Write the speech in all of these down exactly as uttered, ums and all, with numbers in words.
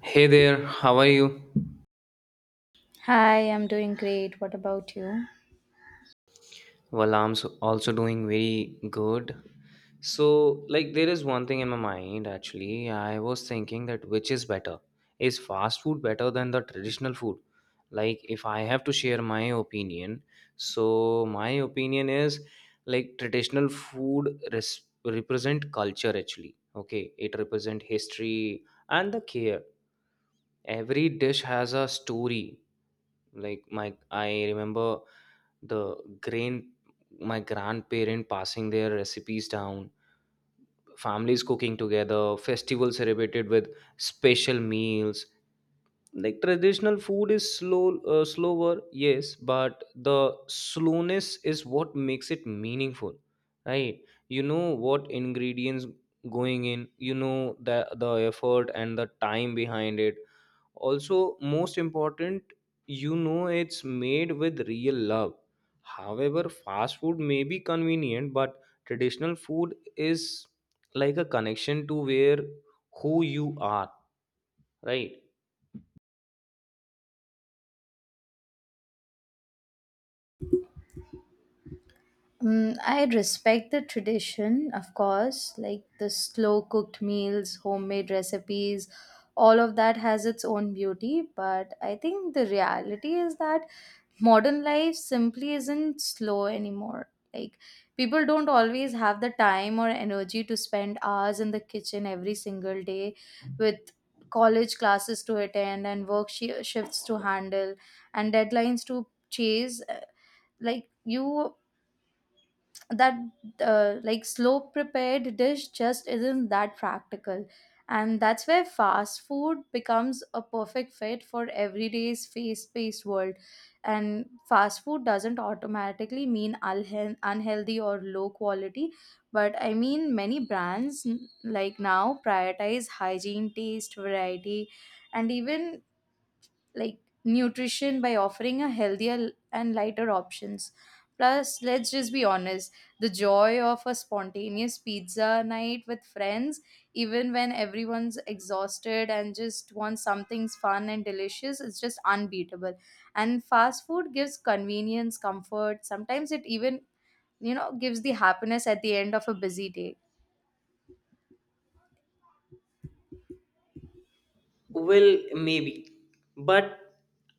Hey there, how are you? Hi, I'm doing great. What about you? Well, I'm so- also doing very good. So, like, there is one thing in my mind actually. I was thinking that which is better? Is fast food better than the traditional food? Like, if I have to share my opinion, so my opinion is like traditional food res- represent culture actually. Okay, it represent history and the care. Every dish has a story. Like, my I remember the grain, my grandparent passing their recipes down, families cooking together, festivals celebrated with special meals. Like traditional food is slow uh, slower, yes, but the slowness is what makes it meaningful, right? You know what ingredients going in, you know the the effort and the time behind it. Also most important, you know it's made with real love. However, fast food may be convenient, but traditional food is like a connection to where who you are, right? Mm, I respect the tradition, of course, like the slow cooked meals, homemade recipes, all of that has its own beauty. But I think the reality is that modern life simply isn't slow anymore. Like, people don't always have the time or energy to spend hours in the kitchen every single day with college classes to attend and work shi shifts to handle and deadlines to chase. Uh, Like, you that uh, like slow prepared dish just isn't that practical, and that's where fast food becomes a perfect fit for everyday's fast-paced world. And fast food doesn't automatically mean unhe- unhealthy or low quality, but I mean many brands n- like now prioritize hygiene, taste, variety, and even like nutrition by offering a healthier l- and lighter options. Plus, let's just be honest, the joy of a spontaneous pizza night with friends even when everyone's exhausted and just wants something fun and delicious is just unbeatable. And fast food gives convenience, comfort, sometimes it even, you know, gives the happiness at the end of a busy day. Well, maybe, but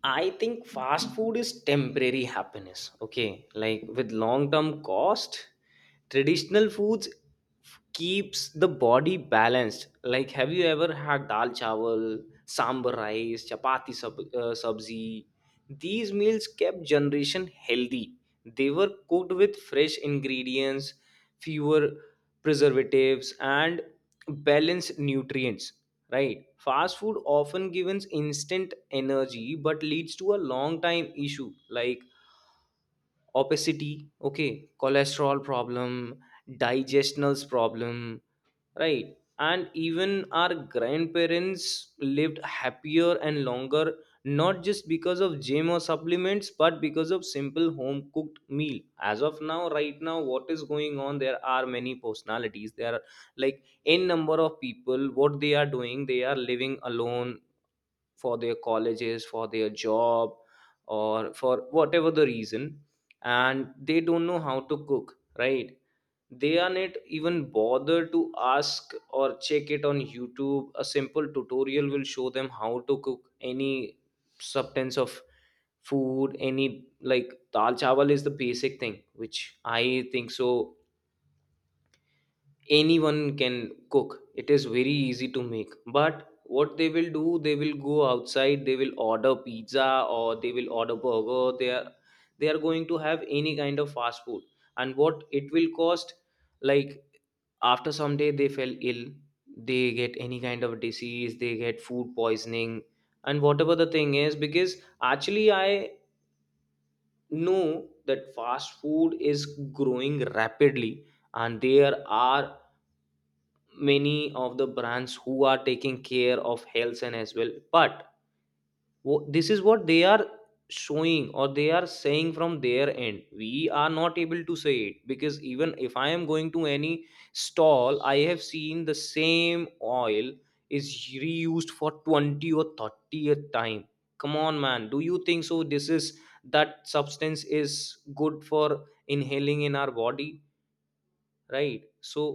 I think fast food is temporary happiness. Okay, like with long term cost, traditional foods f- keeps the body balanced. Like, have you ever had dal chawal, sambar rice, chapati sab- uh, sabzi? These meals kept generation healthy. They were cooked with fresh ingredients, fewer preservatives, and balanced nutrients. Right. Fast food often gives instant energy but leads to a long time issue like obesity, okay, cholesterol problem, digestionals problem. Right. And even our grandparents lived happier and longer, not just because of gym or supplements, but because of simple home cooked meal. As of now, right now, what is going on? There are many personalities. There are like n number of people. What they are doing, they are living alone for their colleges, for their job, or for whatever the reason, and they don't know how to cook. Right, they are not even bothered to ask or check it on YouTube. A simple tutorial will show them how to cook any substance of food. Any, like, dal chawal is the basic thing which I think so anyone can cook. It is very easy to make, but what they will do, they will go outside, they will order pizza or they will order burger. They are they are going to have any kind of fast food. And what it will cost, like, after some day they fell ill, they get any kind of disease, they get food poisoning, and whatever the thing is. Because actually I know that fast food is growing rapidly and there are many of the brands who are taking care of health and as well, but wh- this is what they are showing or they are saying from their end. We are not able to say it, because even if I am going to any stall, I have seen the same oil is reused for twenty or thirtieth time. Come on, man, do you think so this is, that substance is good for inhaling in our body? Right. So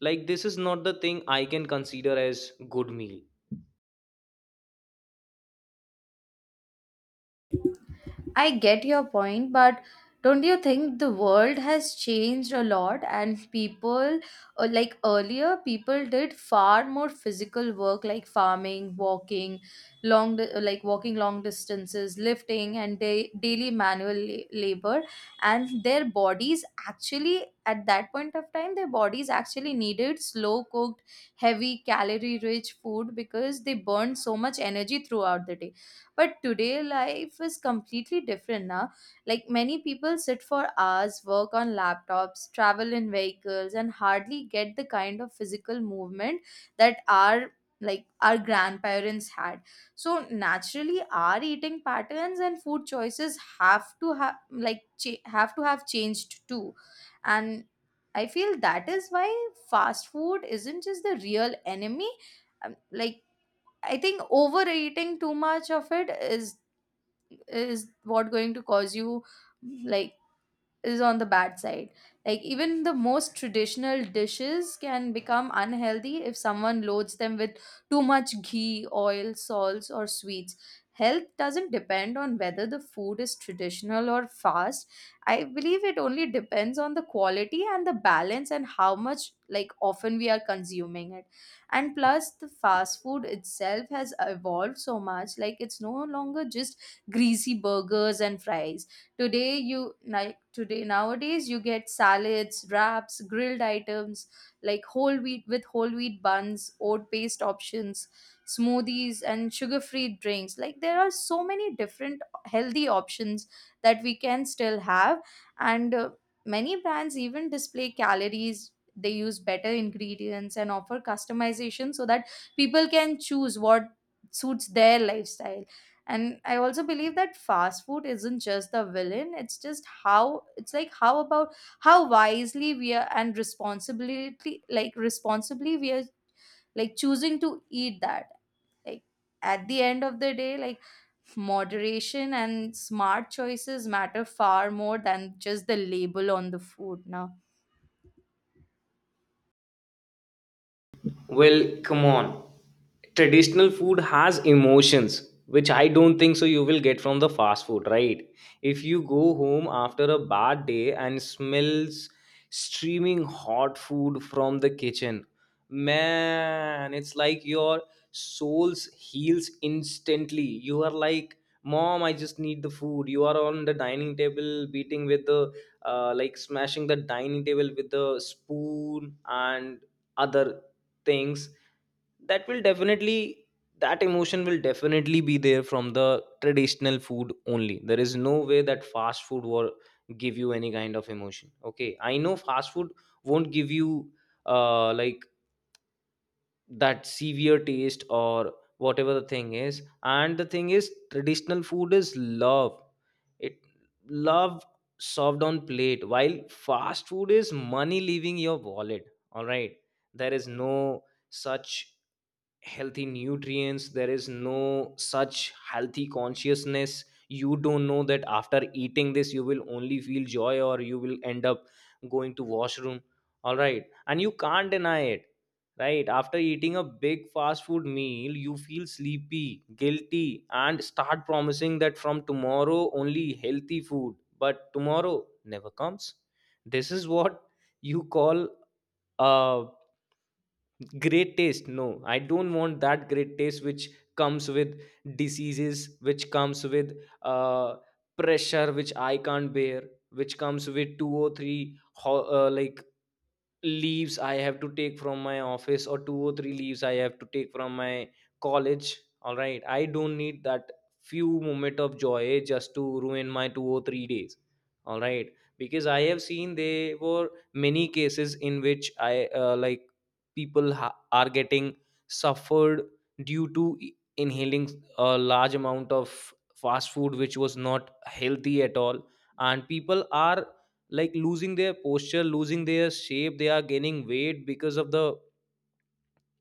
like this is not the thing I can consider as good meal. I get your point, but don't you think the world has changed a lot? And people, uh, like, earlier people did far more physical work like farming, walking, long di- uh, like walking long distances, lifting and da- daily manual la- labor, and their bodies actually at that point of time their bodies actually needed slow cooked, heavy calorie rich food because they burned so much energy throughout the day. But today, life is completely different now. Like, many people sit for hours, work on laptops, travel in vehicles, and hardly get the kind of physical movement that our like our grandparents had. So naturally our eating patterns and food choices have to have like cha- have to have changed too. And I feel that is why fast food isn't just the real enemy. Um, like, I think overeating too much of it is is what going to cause you, like, is on the bad side. Like even the most traditional dishes can become unhealthy if someone loads them with too much ghee, oil, salts or sweets. Health doesn't depend on whether the food is traditional or fast. I believe it only depends on the quality and the balance and how much, like, often we are consuming it. And plus the fast food itself has evolved so much, like it's no longer just greasy burgers and fries. Today you like today, nowadays you get salads, wraps, grilled items, like whole wheat with whole wheat buns, oat paste options, smoothies and sugar-free drinks. Like there are so many different healthy options that we can still have. And uh, many brands even display calories, they use better ingredients and offer customization so that people can choose what suits their lifestyle. And I also believe that fast food isn't just the villain, it's just how it's like how about how wisely we are and responsibility like responsibly we are, like, choosing to eat that. Like at the end of the day, like, moderation and smart choices matter far more than just the label on the food now. Well, come on. Traditional food has emotions, which I don't think so you will get from the fast food, right? If you go home after a bad day and smells streaming hot food from the kitchen, man, it's like your soul's heals instantly. You are like, Mom, I just need the food. You are on the dining table beating with the, uh, like smashing the dining table with the spoon and other things, that will definitely, that emotion will definitely be there from the traditional food only. There is no way that fast food will give you any kind of emotion. Okay, I know fast food won't give you uh like that severe taste or whatever the thing is. And the thing is traditional food is love. It Love served on plate, while fast food is money leaving your wallet. All right, there is no such healthy nutrients, there is no such healthy consciousness. You don't know that after eating this you will only feel joy or you will end up going to washroom. All right, and you can't deny it, right? After eating a big fast food meal you feel sleepy, guilty, and start promising that from tomorrow only healthy food, but tomorrow never comes. This is what you call a great taste? No, I don't want that great taste which comes with diseases, which comes with uh, pressure which I can't bear, which comes with two or three ho- uh, like leaves I have to take from my office, or two or three leaves I have to take from my college. All right. I don't need that few moment of joy just to ruin my two or three days. All right. Because I have seen there were many cases in which I uh, like people ha- are getting suffered due to i- inhaling a large amount of fast food which was not healthy at all. And people are like losing their posture, losing their shape, they are gaining weight because of the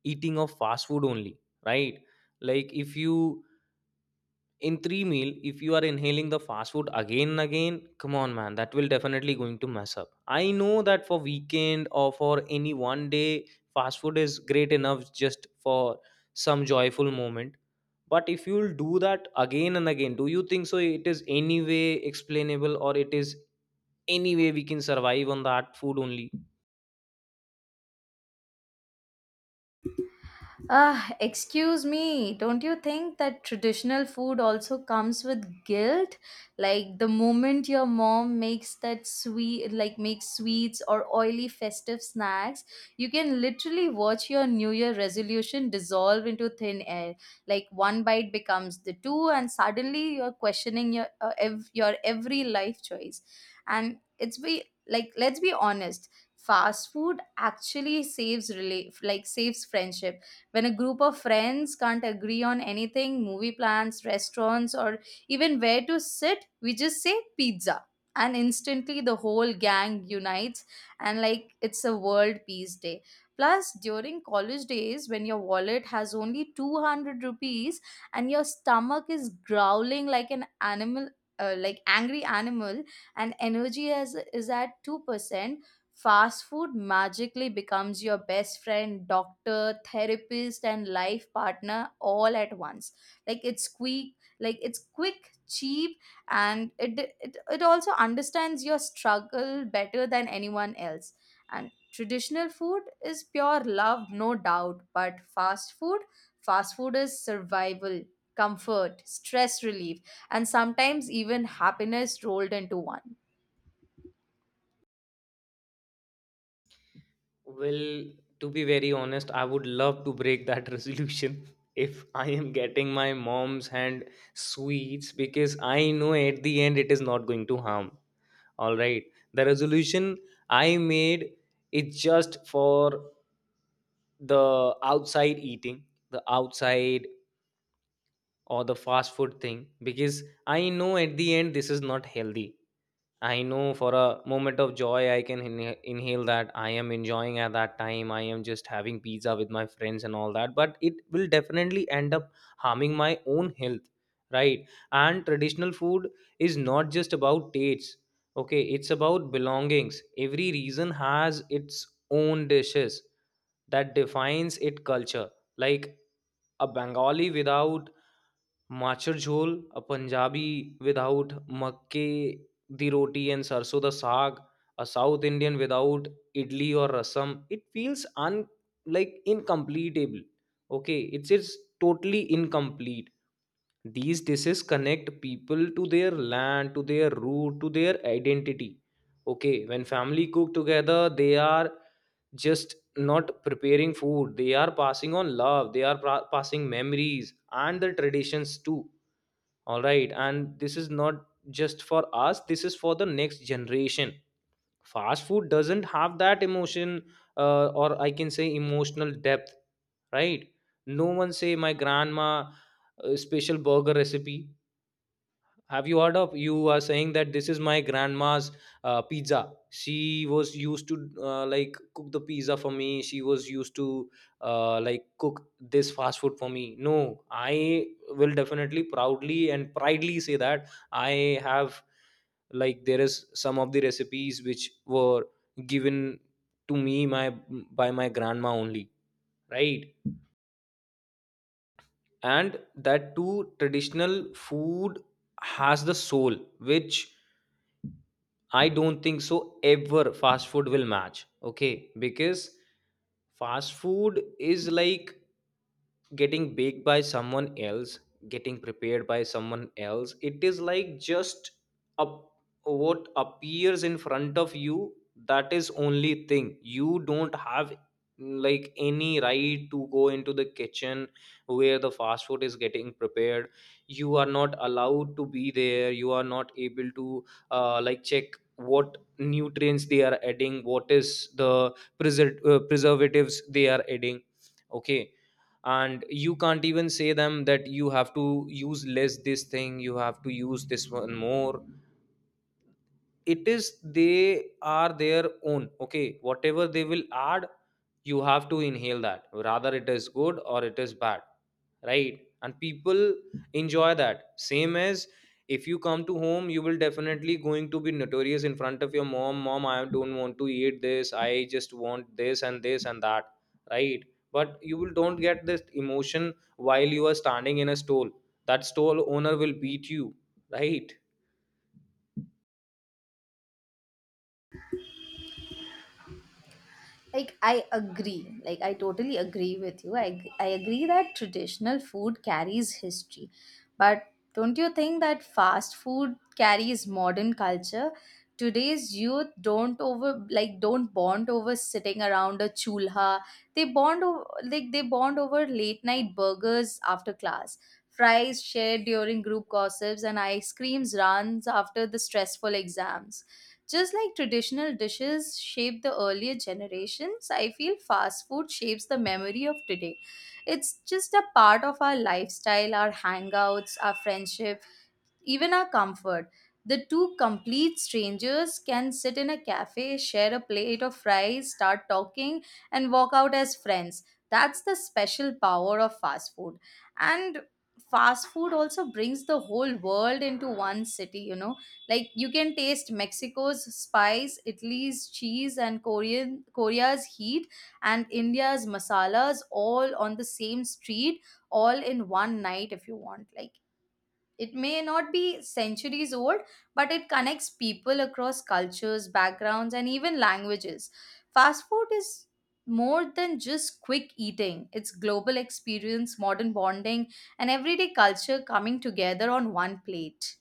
eating of fast food only, right? Like, if you in three meal if you are inhaling the fast food again and again, come on man, that will definitely going to mess up. I know that for weekend or for any one day fast food is great enough just for some joyful moment. But if you'll do that again and again, do you think so it is any way explainable or it is any way we can survive on that food only? Ah, excuse me, don't you think that traditional food also comes with guilt? Like the moment your mom makes that sweet, like makes sweets or oily festive snacks, you can literally watch your New Year resolution dissolve into thin air. Like one bite becomes the two, and suddenly you're questioning your uh, ev- your every life choice. And it's be like, let's be honest, fast food actually saves relate like saves friendship. When a group of friends can't agree on anything, movie plans, restaurants, or even where to sit, we just say pizza. And instantly the whole gang unites, and like it's a world peace day. Plus, during college days, when your wallet has only two hundred rupees and your stomach is growling like an animal, uh, like angry animal, and energy is, is at two percent, fast food magically becomes your best friend, doctor, therapist, and life partner all at once. Like it's quick, like it's quick, cheap, and it it, it also understands your struggle better than anyone else. And traditional food is pure love, no doubt. But fast food, fast food is survival, comfort, stress relief, and sometimes even happiness rolled into one. Well, to be very honest, I would love to break that resolution if I am getting my mom's hand sweets, because I know at the end it is not going to harm. All right. The resolution I made is just for the outside eating, the outside or the fast food thing, because I know at the end this is not healthy. I know for a moment of joy, I can inha- inhale that. I am enjoying at that time. I am just having pizza with my friends and all that, but it will definitely end up harming my own health, right? And traditional food is not just about tastes, okay? It's about belongings. Every region has its own dishes that defines its culture. Like a Bengali without Machar jhol, a Punjabi without makke di roti and sarso da saag, a South Indian without idli or rasam. It feels un like incompletable. Okay, it's it's totally incomplete. These dishes connect people to their land, to their root, to their identity. Okay, when family cook together, they are just not preparing food. They are passing on love. They are pra- passing memories and the traditions too. All right, and this is not just for us, this is for the next generation. Fast food doesn't have that emotion, uh, or I can say emotional depth, right? No one say my grandma uh, special burger recipe, have you heard of? You are saying that this is my grandma's uh, pizza, she was used to uh, like cook the pizza for me, she was used to uh, like cook this fast food for me? No, I will definitely proudly and pridely say that I have, like, there is some of the recipes which were given to me my by my grandma only, right? And that too, traditional food has the soul which I don't think so ever fast food will match. Okay, because fast food is like getting baked by someone else, getting prepared by someone else. It is like just up what appears in front of you. That is only thing. You don't have like any right to go into the kitchen where the fast food is getting prepared. You are not allowed to be there. You are not able to uh, like check what nutrients they are adding, what is the preser- uh, preservatives they are adding, okay? And you can't even say them that you have to use less this thing, you have to use this one more. It is they are their own, okay? Whatever they will add, you have to inhale that, rather it is good or it is bad, right? And people enjoy that same as if you come to home. You will definitely going to be notorious in front of your mom. Mom, I don't want to eat this, I just want this and this and that, right? But you will don't get this emotion while you are standing in a stall. That stall owner will beat you, right? like i agree like I totally agree with you. i, I agree that traditional food carries history, but don't you think that fast food carries modern culture? Today's youth don't over like don't bond over sitting around a chulha they bond over like they bond over late night burgers after class, fries shared during group gossips, and ice creams runs after the stressful exams. Just like traditional dishes shaped the earlier generations, I feel fast food shapes the memory of today. It's just a part of our lifestyle, our hangouts, our friendships, even our comfort. The two complete strangers can sit in a cafe, share a plate of fries, start talking, and walk out as friends. That's the special power of fast food. And fast food also brings the whole world into one city, you know. Like you can taste Mexico's spice, Italy's cheese, and Korean Korea's heat, and India's masalas all on the same street, all in one night if you want. Like, it may not be centuries old, but it connects people across cultures, backgrounds, and even languages. Fast food is more than just quick eating, it's global experience, modern bonding, and everyday culture coming together on one plate.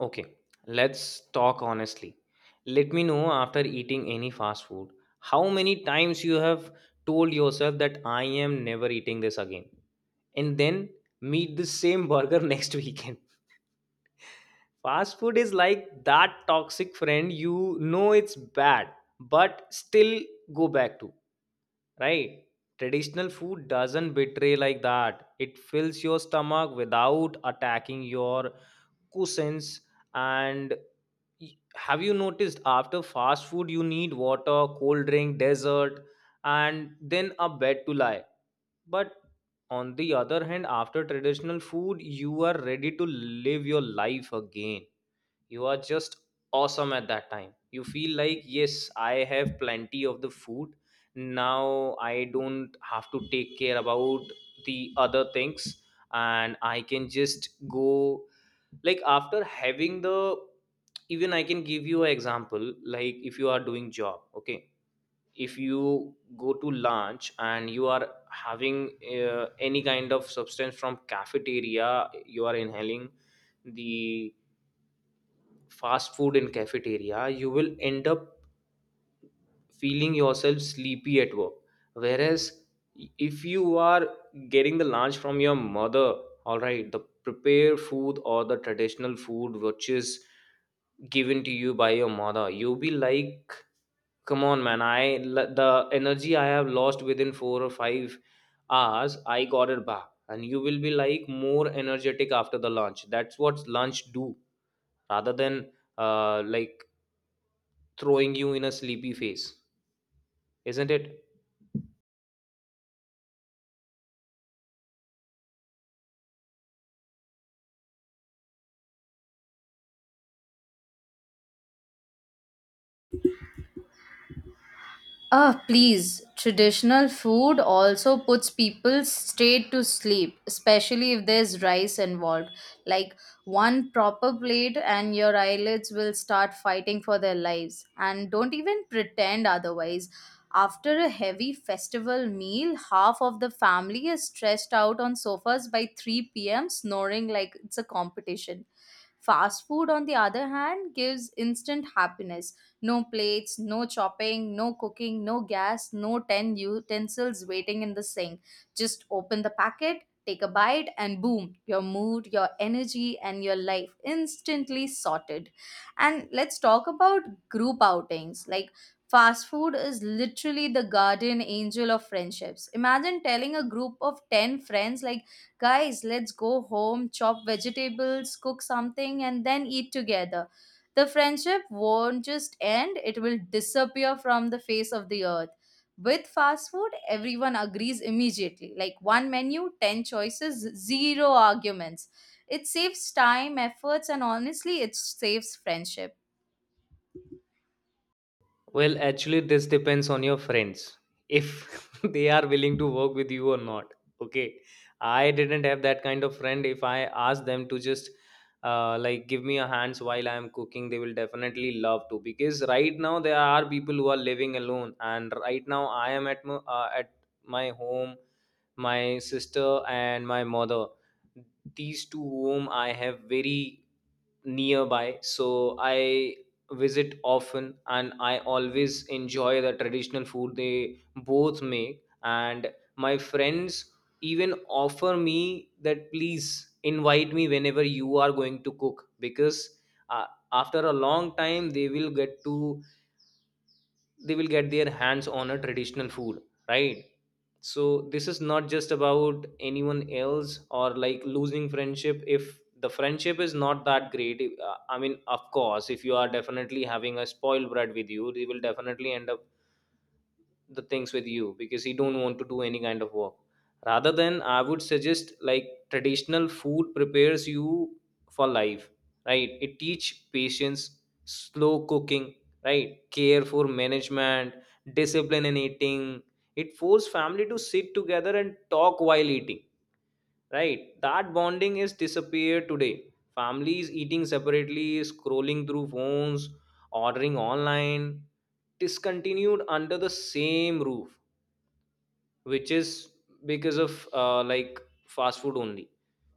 Okay, let's talk honestly. Let me know after eating any fast food how many times you have told yourself that I am never eating this again, and then meet the same burger next weekend. Fast food is like that toxic friend, you know it's bad but still go back to, right? Traditional food doesn't betray like that. It fills your stomach without attacking your cushions and y- have you noticed? After fast food you need water, cold drink, dessert, and then a bed to lie. But on the other hand, after traditional food you are ready to live your life again. You are just awesome. At that time you feel like, yes, I have plenty of the food, now I don't have to take care about the other things and I can just go, like after having the even I can give you an example. Like, if you are doing job, okay, if you go to lunch and you are having uh, any kind of substance from cafeteria, you are inhaling the fast food in cafeteria. You will end up feeling yourself sleepy at work. Whereas if you are getting the lunch from your mother, all right, the prepared food or the traditional food which is given to you by your mother, you be like, come on man, i l- the energy I have lost within four or five hours, I got it back, and you will be like more energetic after the lunch. That's what lunch do, rather than uh, like throwing you in a sleepy face, isn't it? Ah, please. Traditional food also puts people straight to sleep, especially if there's rice involved. Like one proper plate, and your eyelids will start fighting for their lives. And don't even pretend otherwise. After a heavy festival meal, half of the family is stressed out on sofas by three p m, snoring like it's a competition. Fast food, on the other hand, gives instant happiness, no plates, no chopping, no cooking, no gas, no ten utensils waiting in the sink. Just open the packet, take a bite, and boom, your mood, your energy, and your life instantly sorted. And let's talk about group outings. Like, fast food is literally the guardian angel of friendships. Imagine telling a group of ten friends, like, guys, let's go home, chop vegetables, cook something, and then eat together, the friendship won't just end, it will disappear from the face of the earth. With fast food, everyone agrees immediately. Like one menu, ten choices, zero arguments. It saves time, efforts, and honestly, it saves friendship. Well, actually, this depends on your friends if they are willing to work with you or not. Okay, I didn't have that kind of friend. If I ask them to just uh, like give me a hands while I am cooking, they will definitely love to, because right now there are people who are living alone, and right now I am at my, uh, at my home, my sister and my mother. These two whom I have very nearby, so I visit often and I always enjoy the traditional food they both make. And my friends even offer me that, please invite me whenever you are going to cook, because uh, after a long time they will get to they will get their hands on a traditional food, right? So this is not just about anyone else or like losing friendship. If the friendship is not that great, uh, I mean, of course, if you are definitely having a spoiled brat with you, they will definitely end up the things with you, because he don't want to do any kind of work. Rather than, I would suggest, like, traditional food prepares you for life, right? It teach patience, slow cooking, right, care for management, discipline in eating. It force family to sit together and talk while eating, right? That bonding is disappeared. Today families eating separately, scrolling through phones, ordering online, discontinued under the same roof, which is because of uh, like fast food only.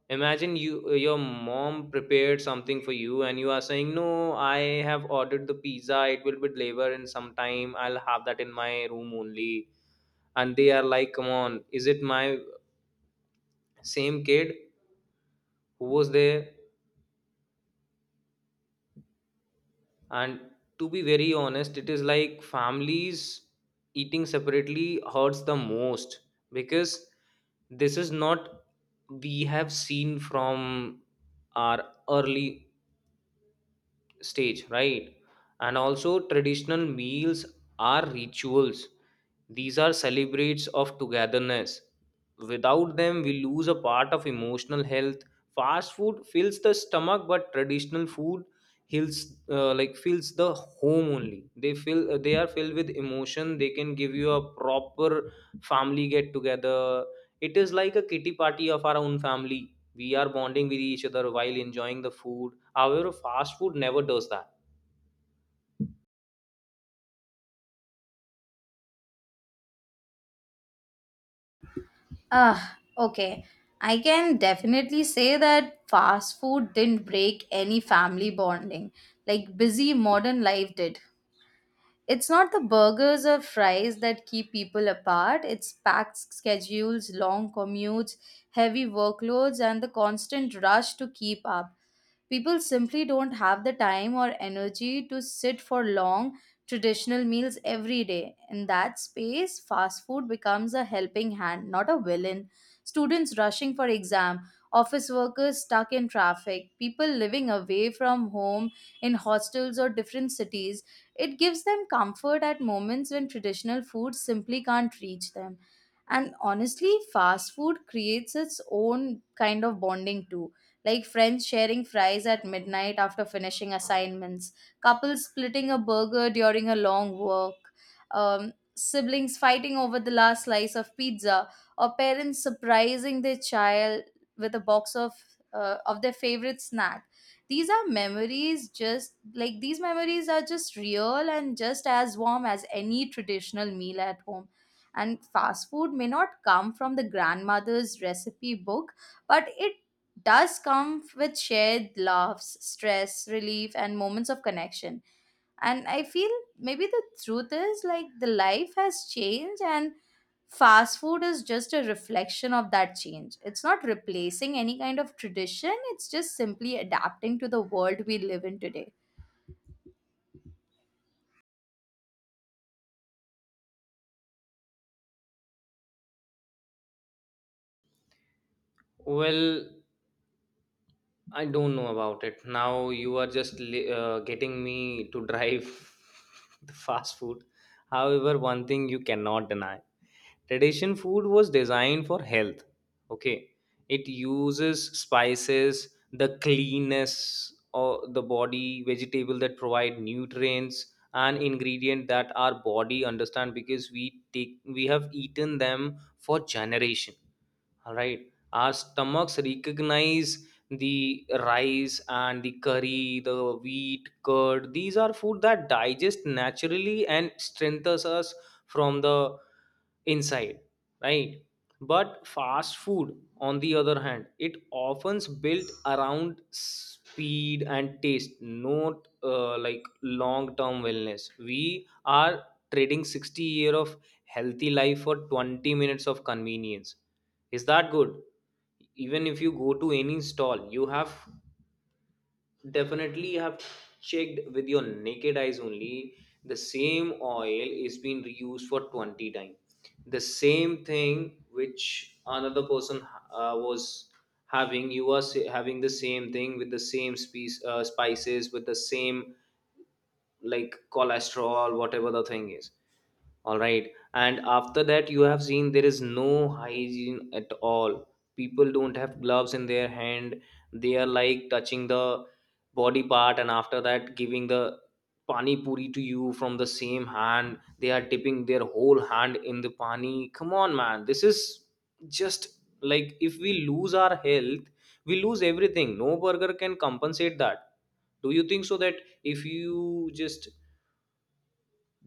Imagine, you, your mom prepared something for you and you are saying, no, I have ordered the pizza, it will be delivered in some time, I'll have that in my room only. And they are like, come on, is it my same kid who was there? And to be very honest, it is like families eating separately hurts the most, because this is not we have seen from our early stage, right? And also, traditional meals are rituals. These are celebrates of togetherness. Without them we lose a part of emotional health. Fast food fills the stomach, but traditional food heals, uh, like fills the home only. They fill, uh, they are filled with emotion. They can give you a proper family get together. It is like a kitty party of our own family. We are bonding with each other while enjoying the food. However, fast food never does that. Ah, okay. I can definitely say that fast food didn't break any family bonding. Like busy modern life did. It's not the burgers or fries that keep people apart, it's packed schedules, long commutes, heavy workloads, and the constant rush to keep up. People simply don't have the time or energy to sit for long traditional meals every day. In that space, fast food becomes a helping hand, not a villain. Students rushing for exam, office workers stuck in traffic, people living away from home in hostels or different cities, it gives them comfort at moments when traditional food simply can't reach them. And honestly, fast food creates its own kind of bonding too, like friends sharing fries at midnight after finishing assignments, couples splitting a burger during a long walk, um, siblings fighting over the last slice of pizza, or parents surprising their child with a box of uh, of their favorite snack. These are memories, just like these memories are just real and just as warm as any traditional meal at home. And fast food may not come from the grandmother's recipe book, but it does come with shared laughs, stress, relief, and moments of connection. And I feel maybe the truth is, like, the life has changed, and fast food is just a reflection of that change. It's not replacing any kind of tradition, it's just simply adapting to the world we live in today. Well, I don't know about it. Now you are just li- uh, getting me to drive the fast food. However, one thing you cannot deny, tradition food was designed for health. Okay. It uses spices, the cleanness of the body, vegetable that provide nutrients, and ingredient that our body understand, because we take we have eaten them for generation, right? Our stomachs recognize the rice and the curry, the wheat, curd. These are food that digest naturally and strengthens us from the inside, right? But fast food on the other hand, it often's built around speed and taste, not uh, like long term wellness. We are trading sixty year of healthy life for twenty minutes of convenience. Is that good? Even if you go to any stall, you have definitely have checked with your naked eyes only, the same oil is being reused for twenty times. The same thing which another person uh, was having, you are sa- having the same thing with the same species uh, spices, with the same like cholesterol, whatever the thing is. All right, and after that you have seen there is no hygiene at all. People don't have gloves in their hand. They are like touching the body part and after that giving the pani puri to you from the same hand. They are dipping their whole hand in the pani. Come on man, this is just like, if we lose our health, we lose everything. No burger can compensate that. Do you think so that if you just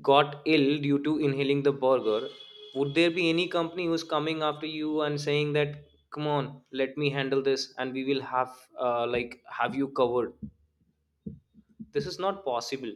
got ill due to inhaling the burger, would there be any company who's coming after you and saying that, come on, let me handle this and we will have, uh, like, have you covered? This is not possible.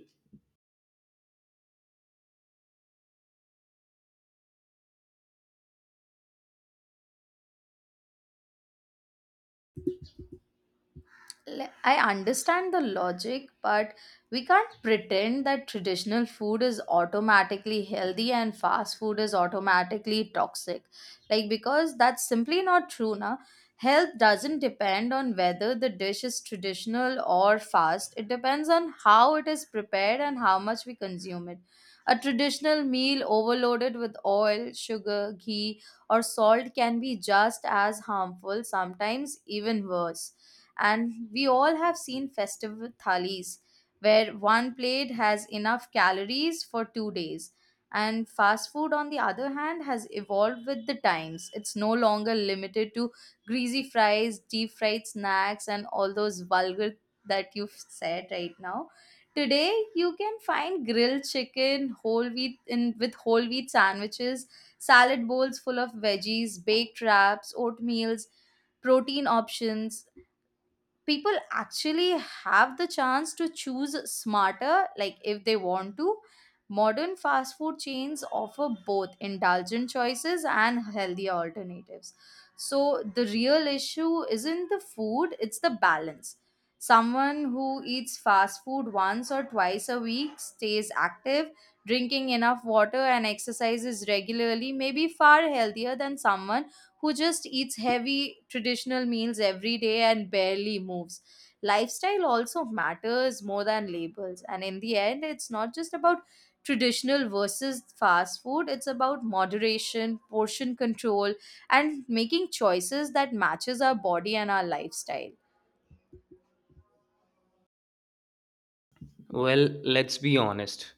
le- I understand the logic, but we can't pretend that traditional food is automatically healthy and fast food is automatically toxic. Like, because that's simply not true, na? Health doesn't depend on whether the dish is traditional or fast, it depends on how it is prepared and how much we consume it. A traditional meal overloaded with oil, sugar, ghee, or salt can be just as harmful, sometimes even worse, and we all have seen festival thalis where one plate has enough calories for two days. And fast food, on the other hand, has evolved with the times. It's no longer limited to greasy fries, deep fried snacks, and all those vulgar that you've said right now. Today you can find grilled chicken, whole wheat in with whole wheat sandwiches, salad bowls full of veggies, baked wraps, oatmeals, protein options. People actually have the chance to choose smarter, like if they want to. Modern fast food chains offer both indulgent choices and healthier alternatives, so the real issue isn't the food, it's the balance. Someone who eats fast food once or twice a week, stays active, drinking enough water and exercises regularly, may be far healthier than someone who just eats heavy traditional meals every day and barely moves. Lifestyle also matters more than labels. And in the end, it's not just about traditional versus fast food, it's about moderation, portion control, and making choices that matches our body and our lifestyle. Well, let's be honest.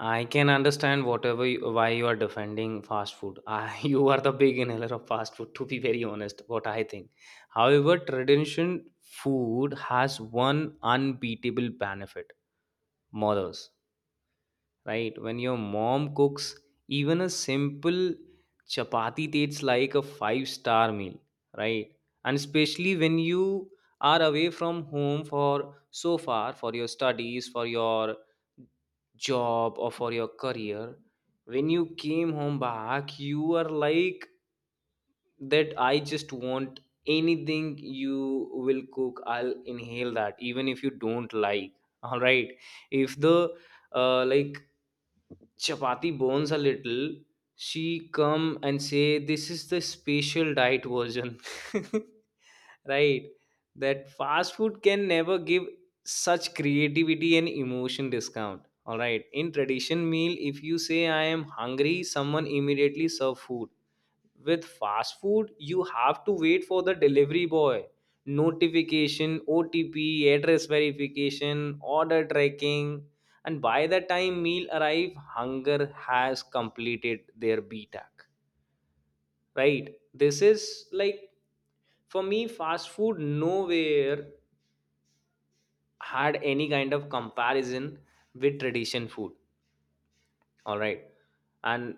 I can understand whatever you, why you are defending fast food. I, you are the big inhaler of fast food, to be very honest, what I think. However, tradition food has one unbeatable benefit, mothers. Right? When your mom cooks, even a simple chapati tastes like a five star meal, right? And especially when you are away from home for so far, for your studies, for your job, or for your career, when you came home back you are like that, I just want anything you will cook, I'll inhale that, even if you don't like. All right, if the uh, like chapati bones a little, she come and say, "This is the special diet version." Right? That fast food can never give such creativity and emotion discount. All right, in tradition meal, if you say I am hungry, someone immediately serve food. With fast food, you have to wait for the delivery boy, notification, O T P, address verification, order tracking, and by the time meal arrive, hunger has completed their B T A C. Right? This is like, for me, fast food nowhere had any kind of comparison with tradition food. All right. And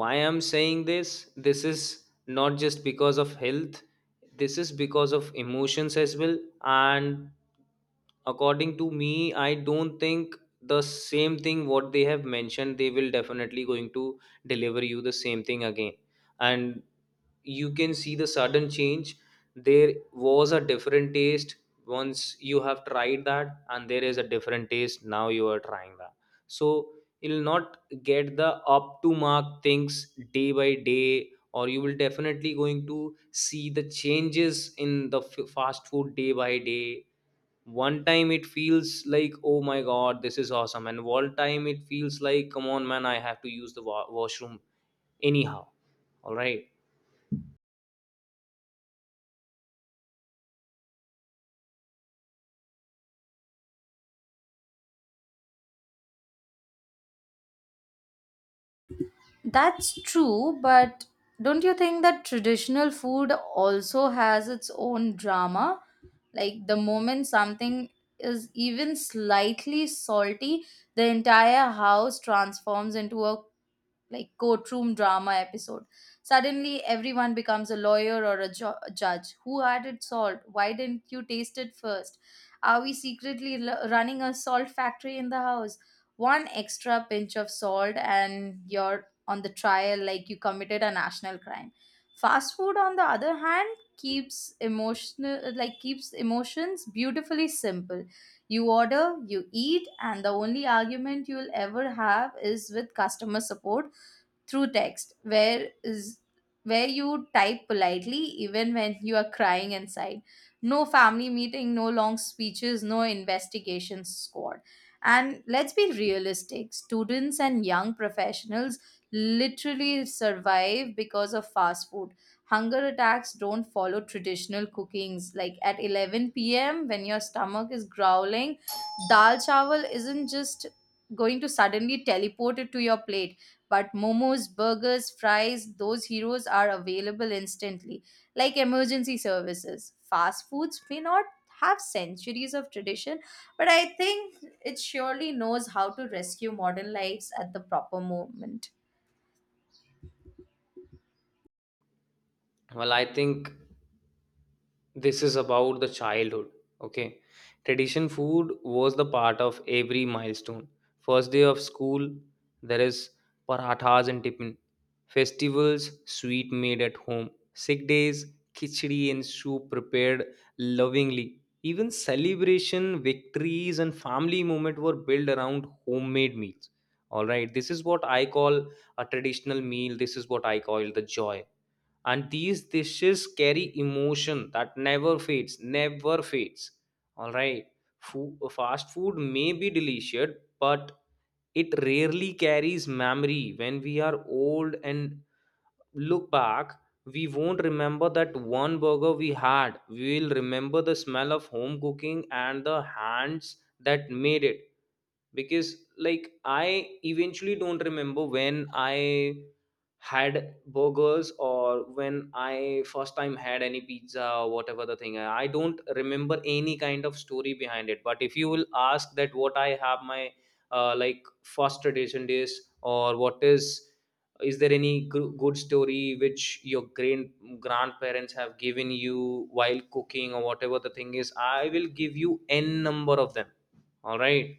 why I'm saying this, this is not just because of health, this is because of emotions as well. And according to me, I don't think the same thing what they have mentioned, they will definitely going to deliver you the same thing again. And you can see the sudden change. There was a different taste once you have tried that, and there is a different taste now you are trying that. So you'll not get the up to mark things day by day, or you will definitely going to see the changes in the f- fast food day by day. One time it feels like, oh my god, this is awesome, and one time it feels like, come on man, I have to use the wa- washroom anyhow. All right. That's true, but don't you think that traditional food also has its own drama? Like the moment something is even slightly salty, the entire house transforms into a like courtroom drama episode. Suddenly, everyone becomes a lawyer or a ju- a judge. Who had it solved? Why didn't you taste it first? Are we secretly l- running a salt factory in the house? One extra pinch of salt, and you're on the trial like you committed a national crime. Fast food, on the other hand, keeps emotional like keeps emotions beautifully simple. You order, you eat, and the only argument you'll ever have is with customer support through text, where is where you type politely even when you are crying inside. No family meeting, no long speeches, no investigation squad. And let's be realistic, students and young professionals literally survive because of fast food. Hunger attacks don't follow traditional cookings, like at eleven p m p.m. when your stomach is growling, dal chawal isn't just going to suddenly teleport it to your plate. But momos, burgers, fries, those heroes are available instantly, like emergency services. Fast foods may not have centuries of tradition, but I think it surely knows how to rescue modern lives at the proper moment. Well, I think this is about the childhood. Okay. Tradition food was the part of every milestone. First day of school, there is parathas and tiffin. Festivals, sweet made at home. Sick days, khichdi and soup prepared lovingly. Even celebration victories and family moment were built around homemade meals. All right, this is what I call a traditional meal. This is what I call the joy. And these dishes carry emotion that never fades, never fades. All right. Foo- fast food may be delicious, but it rarely carries memory. When we are old and look back, we won't remember that one burger we had. We will remember the smell of home cooking and the hands that made it. Because, like, I eventually don't remember when I had burgers, or when I first time had any pizza, or whatever the thing. I don't remember any kind of story behind it. But if you will ask that, what I have my uh, like first tradition days, or what is is there any gr- good story which your grand grandparents have given you while cooking or whatever the thing is, I will give you n number of them. All right,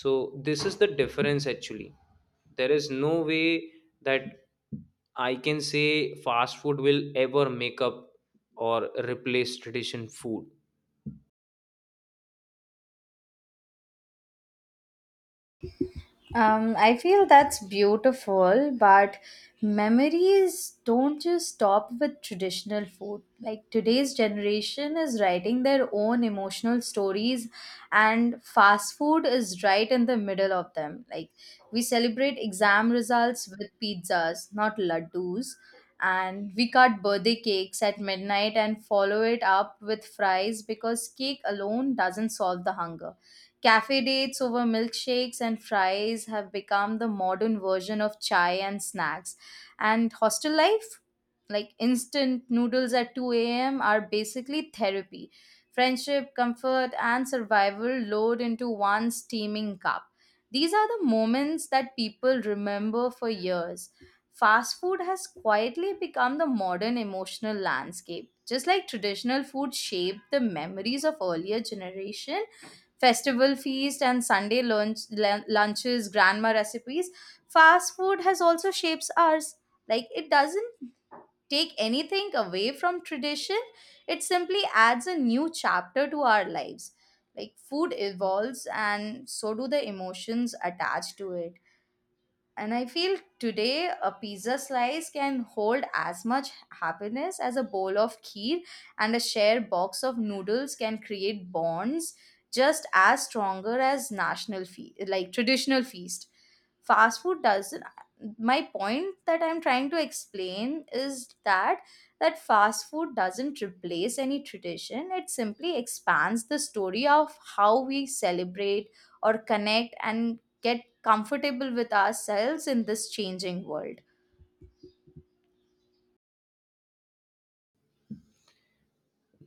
so this is the difference actually. There is no way that I can say fast food will ever make up or replace tradition food. Um, I feel that's beautiful, but memories don't just stop with traditional food. Like today's generation is writing their own emotional stories, and fast food is right in the middle of them. Like we celebrate exam results with pizzas, not laddus. And we cut birthday cakes at midnight and follow it up with fries, because cake alone doesn't solve the hunger. Cafe dates over milkshakes and fries have become the modern version of chai and snacks. And hostel life, like instant noodles at two a m, are basically therapy. Friendship, comfort, and survival load into one steaming cup. These are the moments that people remember for years. Fast food has quietly become the modern emotional landscape. Just like traditional food shaped the memories of earlier generation, festival feast and sunday lunch lun- lunches, grandma recipes, fast food has also shapes ours. Like it doesn't take anything away from tradition, it simply adds a new chapter to our lives. Like food evolves, and so do the emotions attached to it. And I feel today a pizza slice can hold as much happiness as a bowl of kheer, and a shared box of noodles can create bonds just as stronger as national fe- like traditional feast. Fast food doesn't My point that I'm trying to explain is that that fast food doesn't replace any tradition. It simply expands the story of how we celebrate or connect and get comfortable with ourselves in this changing world.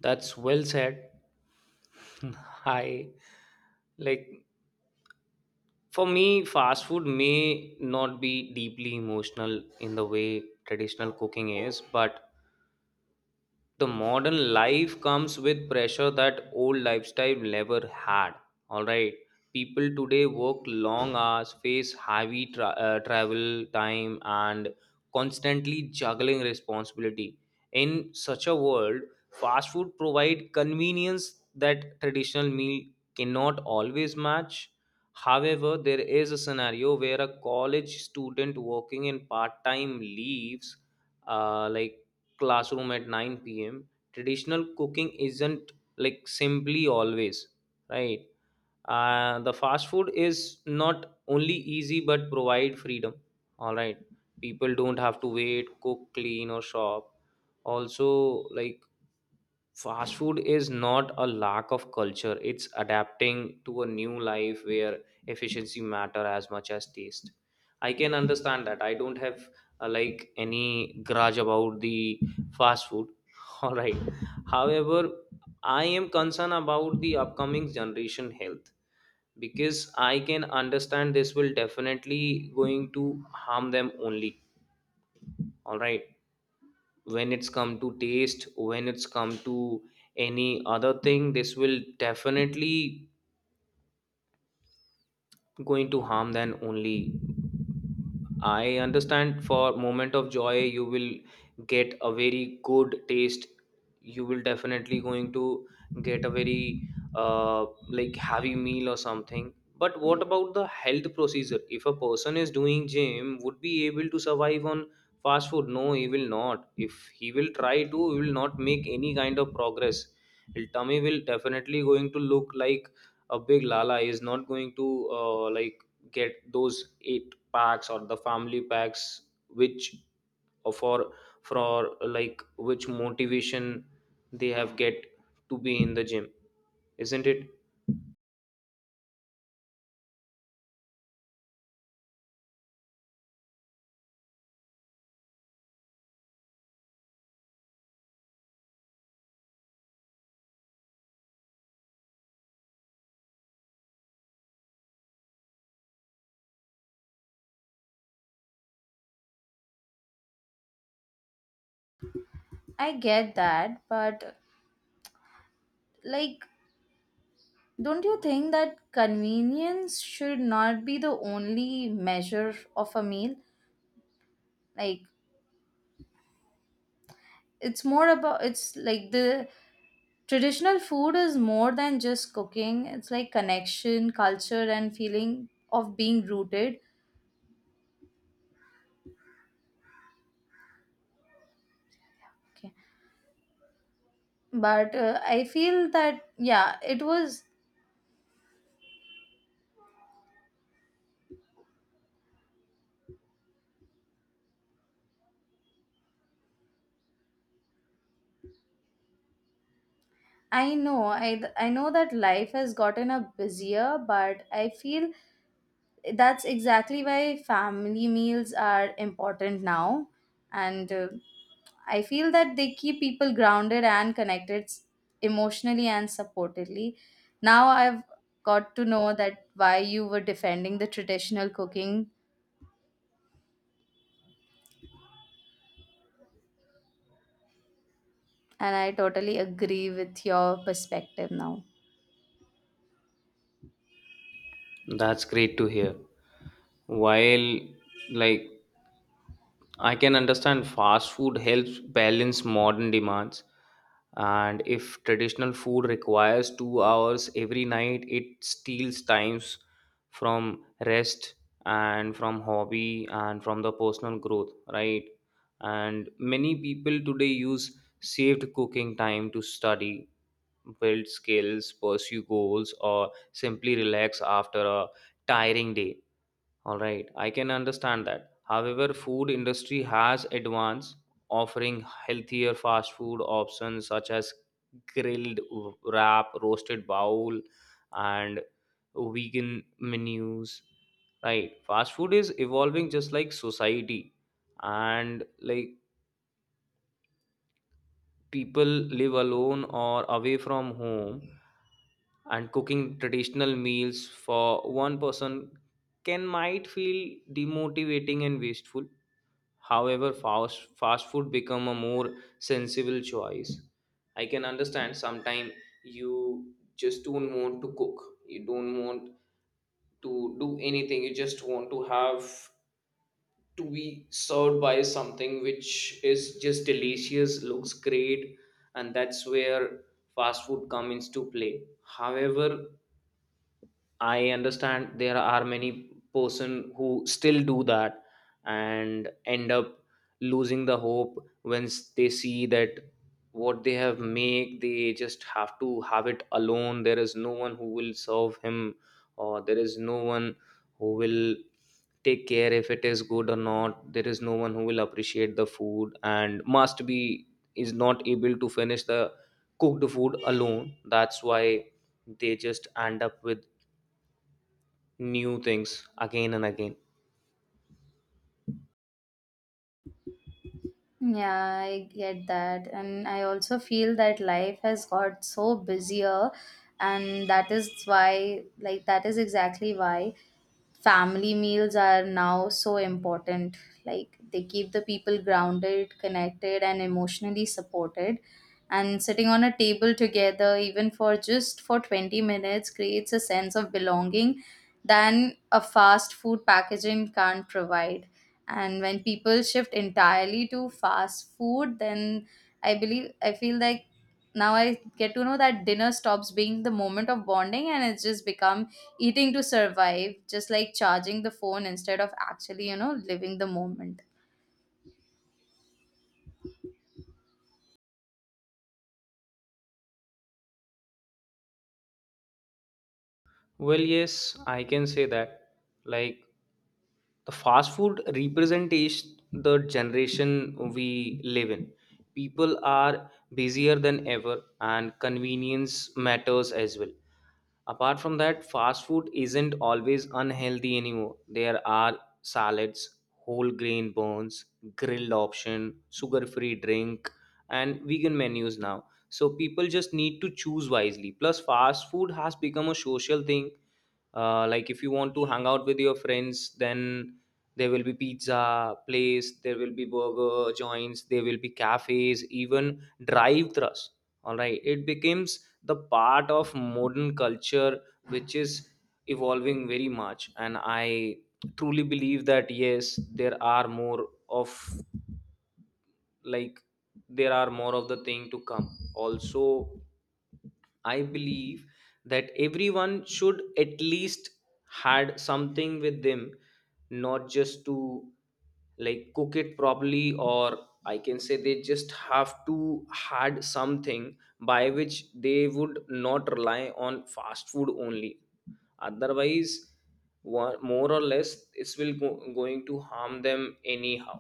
That's well said. I, like, for me, fast food may not be deeply emotional in the way traditional cooking is, but the modern life comes with pressure that old lifestyle never had. All right, people today work long hours, face heavy tra- uh, travel time, and constantly juggling responsibility. In such a world, fast food provide convenience that traditional meal cannot always match. However, there is a scenario where a college student working in part time leaves uh, like classroom at nine p m, traditional cooking isn't like simply always right. Uh, the fast food is not only easy but provide freedom. All right, people don't have to wait, cook, clean, or shop. Also, like, fast food is not a lack of culture, it's adapting to a new life where efficiency matter as much as taste. I can understand that. I don't have uh, like any grudge about the fast food. All right. However, I am concerned about the upcoming generation health, because I can understand this will definitely going to harm them only. All right, when it's come to taste, when it's come to any other thing, this will definitely going to harm than only. I understand for moment of joy you will get a very good taste. You will definitely going to get a very uh, like heavy meal or something. But what about the health procedure? If a person is doing gym, would be able to survive on fast food? No, he will not. If he will try to, he will not make any kind of progress. His tummy will definitely going to look like a big lala. He is not going to uh, like get those eight packs or the family packs which for for like which motivation they have get to be in the gym, isn't it? I get that, but like, don't you think that convenience should not be the only measure of a meal? Like, it's more about, it's like the traditional food is more than just cooking, it's like connection, culture, and feeling of being rooted. Okay. But uh, I feel that, yeah, it was, I know, I, I know that life has gotten a busier, but I feel that's exactly why family meals are important now. And uh, I feel that they keep people grounded and connected s- emotionally and supportively. Now I've got to know that why you were defending the traditional cooking, and I totally agree with your perspective now. That's great to hear. While, like, I can understand fast food helps balance modern demands. And if traditional food requires two hours every night, it steals times from rest and from hobby and from the personal growth, right? And many people today use saved cooking time to study, build skills, pursue goals, or simply relax after a tiring day. All right, I can understand that. However, food industry has advanced, offering healthier fast food options such as grilled wrap, roasted bowl, and vegan menus. Right, fast food is evolving just like society, and like people live alone or away from home, and cooking traditional meals for one person can might feel demotivating and wasteful. However, fast fast food become a more sensible choice. I can understand sometimes you just don't want to cook, you don't want to do anything, you just want to have to be served by something which is just delicious, looks great, and that's where fast food comes into play. However, I understand there are many person who still do that and end up losing the hope once they see that what they have make, they just have to have it alone. There is no one who will serve him, or there is no one who will take care if it is good or not. There is no one who will appreciate the food, and must be is not able to finish the cooked food alone. That's why they just end up with new things again and again. Yeah, I get that. And I also feel that life has got so busier, and that is why, like that is exactly why family meals are now so important. Like they keep the people grounded, connected, and emotionally supported. And sitting on a table together even for just for twenty minutes creates a sense of belonging than a fast food packaging can't provide. And when people shift entirely to fast food, then i believe I feel like now I get to know that dinner stops being the moment of bonding, and it just becomes eating to survive, just like charging the phone instead of actually, you know, living the moment. Well, yes, I can say that. Like, the fast food representation the generation we live in. People are busier than ever, and convenience matters as well. Apart from that, fast food isn't always unhealthy anymore. There are salads, whole grain buns, grilled option, sugar-free drink, and vegan menus now. So people just need to choose wisely. Plus, fast food has become a social thing. Uh, like, if you want to hang out with your friends, then there will be pizza place, there will be burger joints, there will be cafes, even drive thrus. All right, it becomes the part of modern culture, which is evolving very much. And I truly believe that yes, there are more of, like, there are more of the thing to come. Also, I believe that everyone should at least had something with them, not just to like cook it properly, or I can say they just have to had something by which they would not rely on fast food only. Otherwise, wa- more or less it's will go, going to harm them anyhow.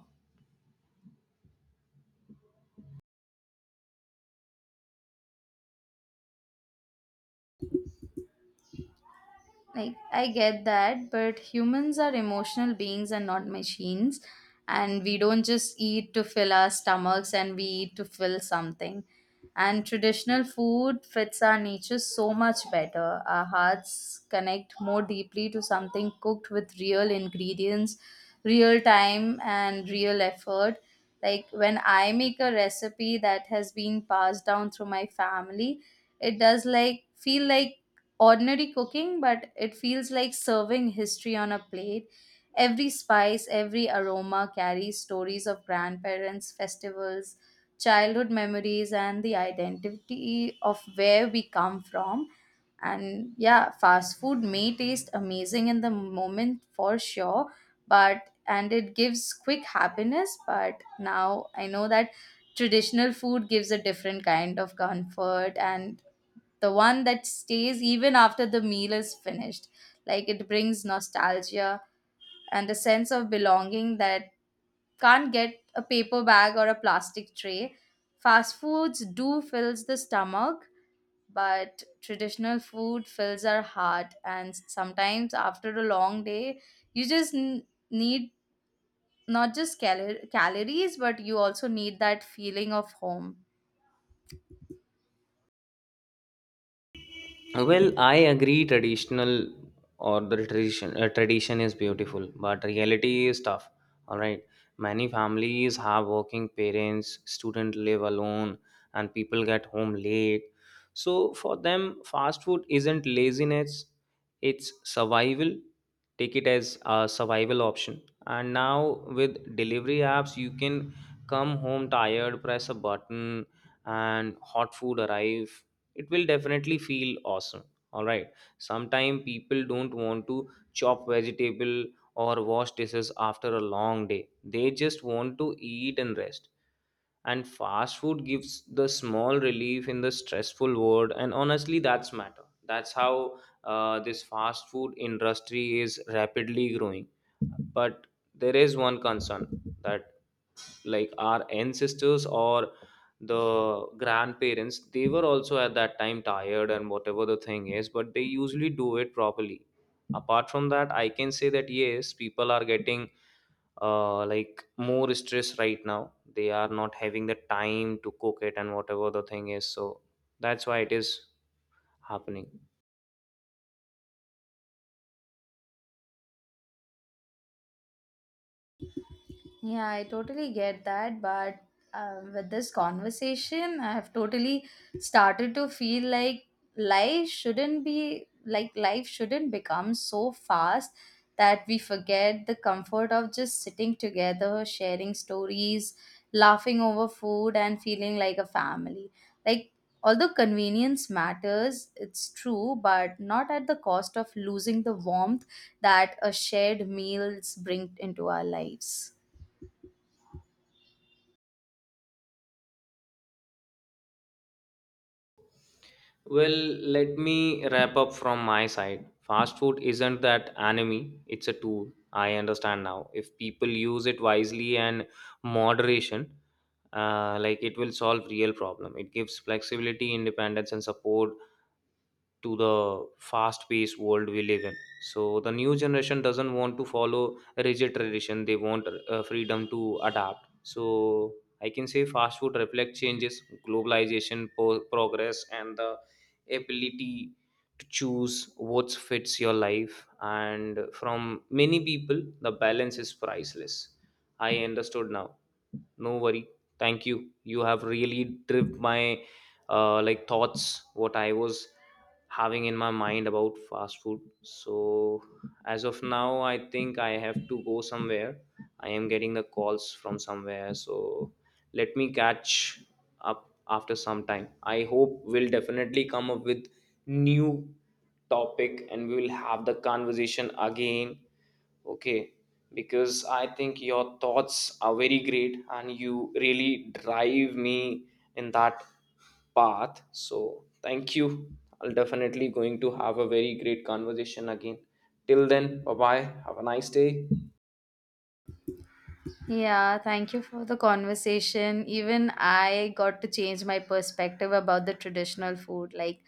Like I get that, but humans are emotional beings and not machines, and we don't just eat to fill our stomachs, and we eat to fill something. And traditional food fits our nature so much better. Our hearts connect more deeply to something cooked with real ingredients, real time, and real effort. Like when I make a recipe that has been passed down through my family, it does like feel like ordinary cooking, but it feels like serving history on a plate. Every spice, every aroma carries stories of grandparents, festivals, childhood memories, and the identity of where we come from. And yeah, fast food may taste amazing in the moment for sure, but and it gives quick happiness. But now I know that traditional food gives a different kind of comfort, and the one that stays even after the meal is finished. Like it brings nostalgia and a sense of belonging that can't get a paper bag or a plastic tray. Fast foods do fills the stomach, but traditional food fills our heart. And sometimes after a long day, you just n- need not just cal- calories, but you also need that feeling of home. Well, I agree traditional or the tradition, uh, tradition is beautiful, but reality is tough. All right. Many families have working parents, students live alone, and people get home late. So for them, fast food isn't laziness, it's survival. Take it as a survival option. And now with delivery apps, you can come home tired, press a button, and hot food arrive. It will definitely feel awesome. All right, sometimes people don't want to chop vegetable or wash dishes after a long day. They just want to eat and rest, and fast food gives the small relief in the stressful world, and honestly that's matter. That's how uh, this fast food industry is rapidly growing. But there is one concern that, like, our ancestors or the grandparents, they were also at that time tired and whatever the thing is, but they usually do it properly. Apart from that, I can say that yes, people are getting uh, like more stress right now, they are not having the time to cook it and whatever the thing is, so that's why it is happening. Yeah, I totally get that. But uh, with this conversation, I have totally started to feel like life shouldn't be like life shouldn't become so fast that we forget the comfort of just sitting together, sharing stories, laughing over food, and feeling like a family. Like, although convenience matters, it's true, but not at the cost of losing the warmth that a shared meals bring into our lives. Well, let me wrap up from my side. Fast food isn't that enemy, it's a tool. I understand now. If people use it wisely and moderation, uh, like it will solve real problem. It gives flexibility, independence, and support to the fast paced world we live in. So the new generation doesn't want to follow rigid tradition, they want uh, freedom to adapt. So I can say fast food reflect changes, globalization, po- progress, and the ability to choose what fits your life, and from many people the balance is priceless. I understood now, no worry. Thank you, you have really driven my uh, like thoughts what I was having in my mind about fast food. So as of now, I think I have to go somewhere, I am getting the calls from somewhere. So let me catch up after some time. I hope we'll definitely come up with new topic and we will have the conversation again, okay? Because I think your thoughts are very great and you really drive me in that path, so thank you. I'll definitely going to have a very great conversation again. Till then, bye bye, have a nice day. Yeah, thank you for the conversation. Even I got to change my perspective about the traditional food. Like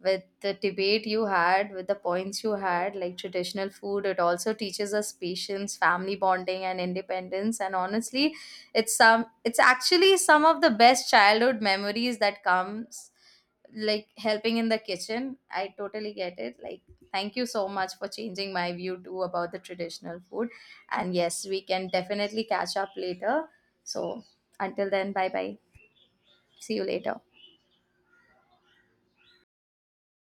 with the debate you had, with the points you had, like traditional food, it also teaches us patience, family bonding, and independence. And honestly, it's some it's actually some of the best childhood memories that comes, like helping in the kitchen. I totally get it. Like thank you so much for changing my view too about the traditional food, and yes, we can definitely catch up later. So until then, bye bye, see you later.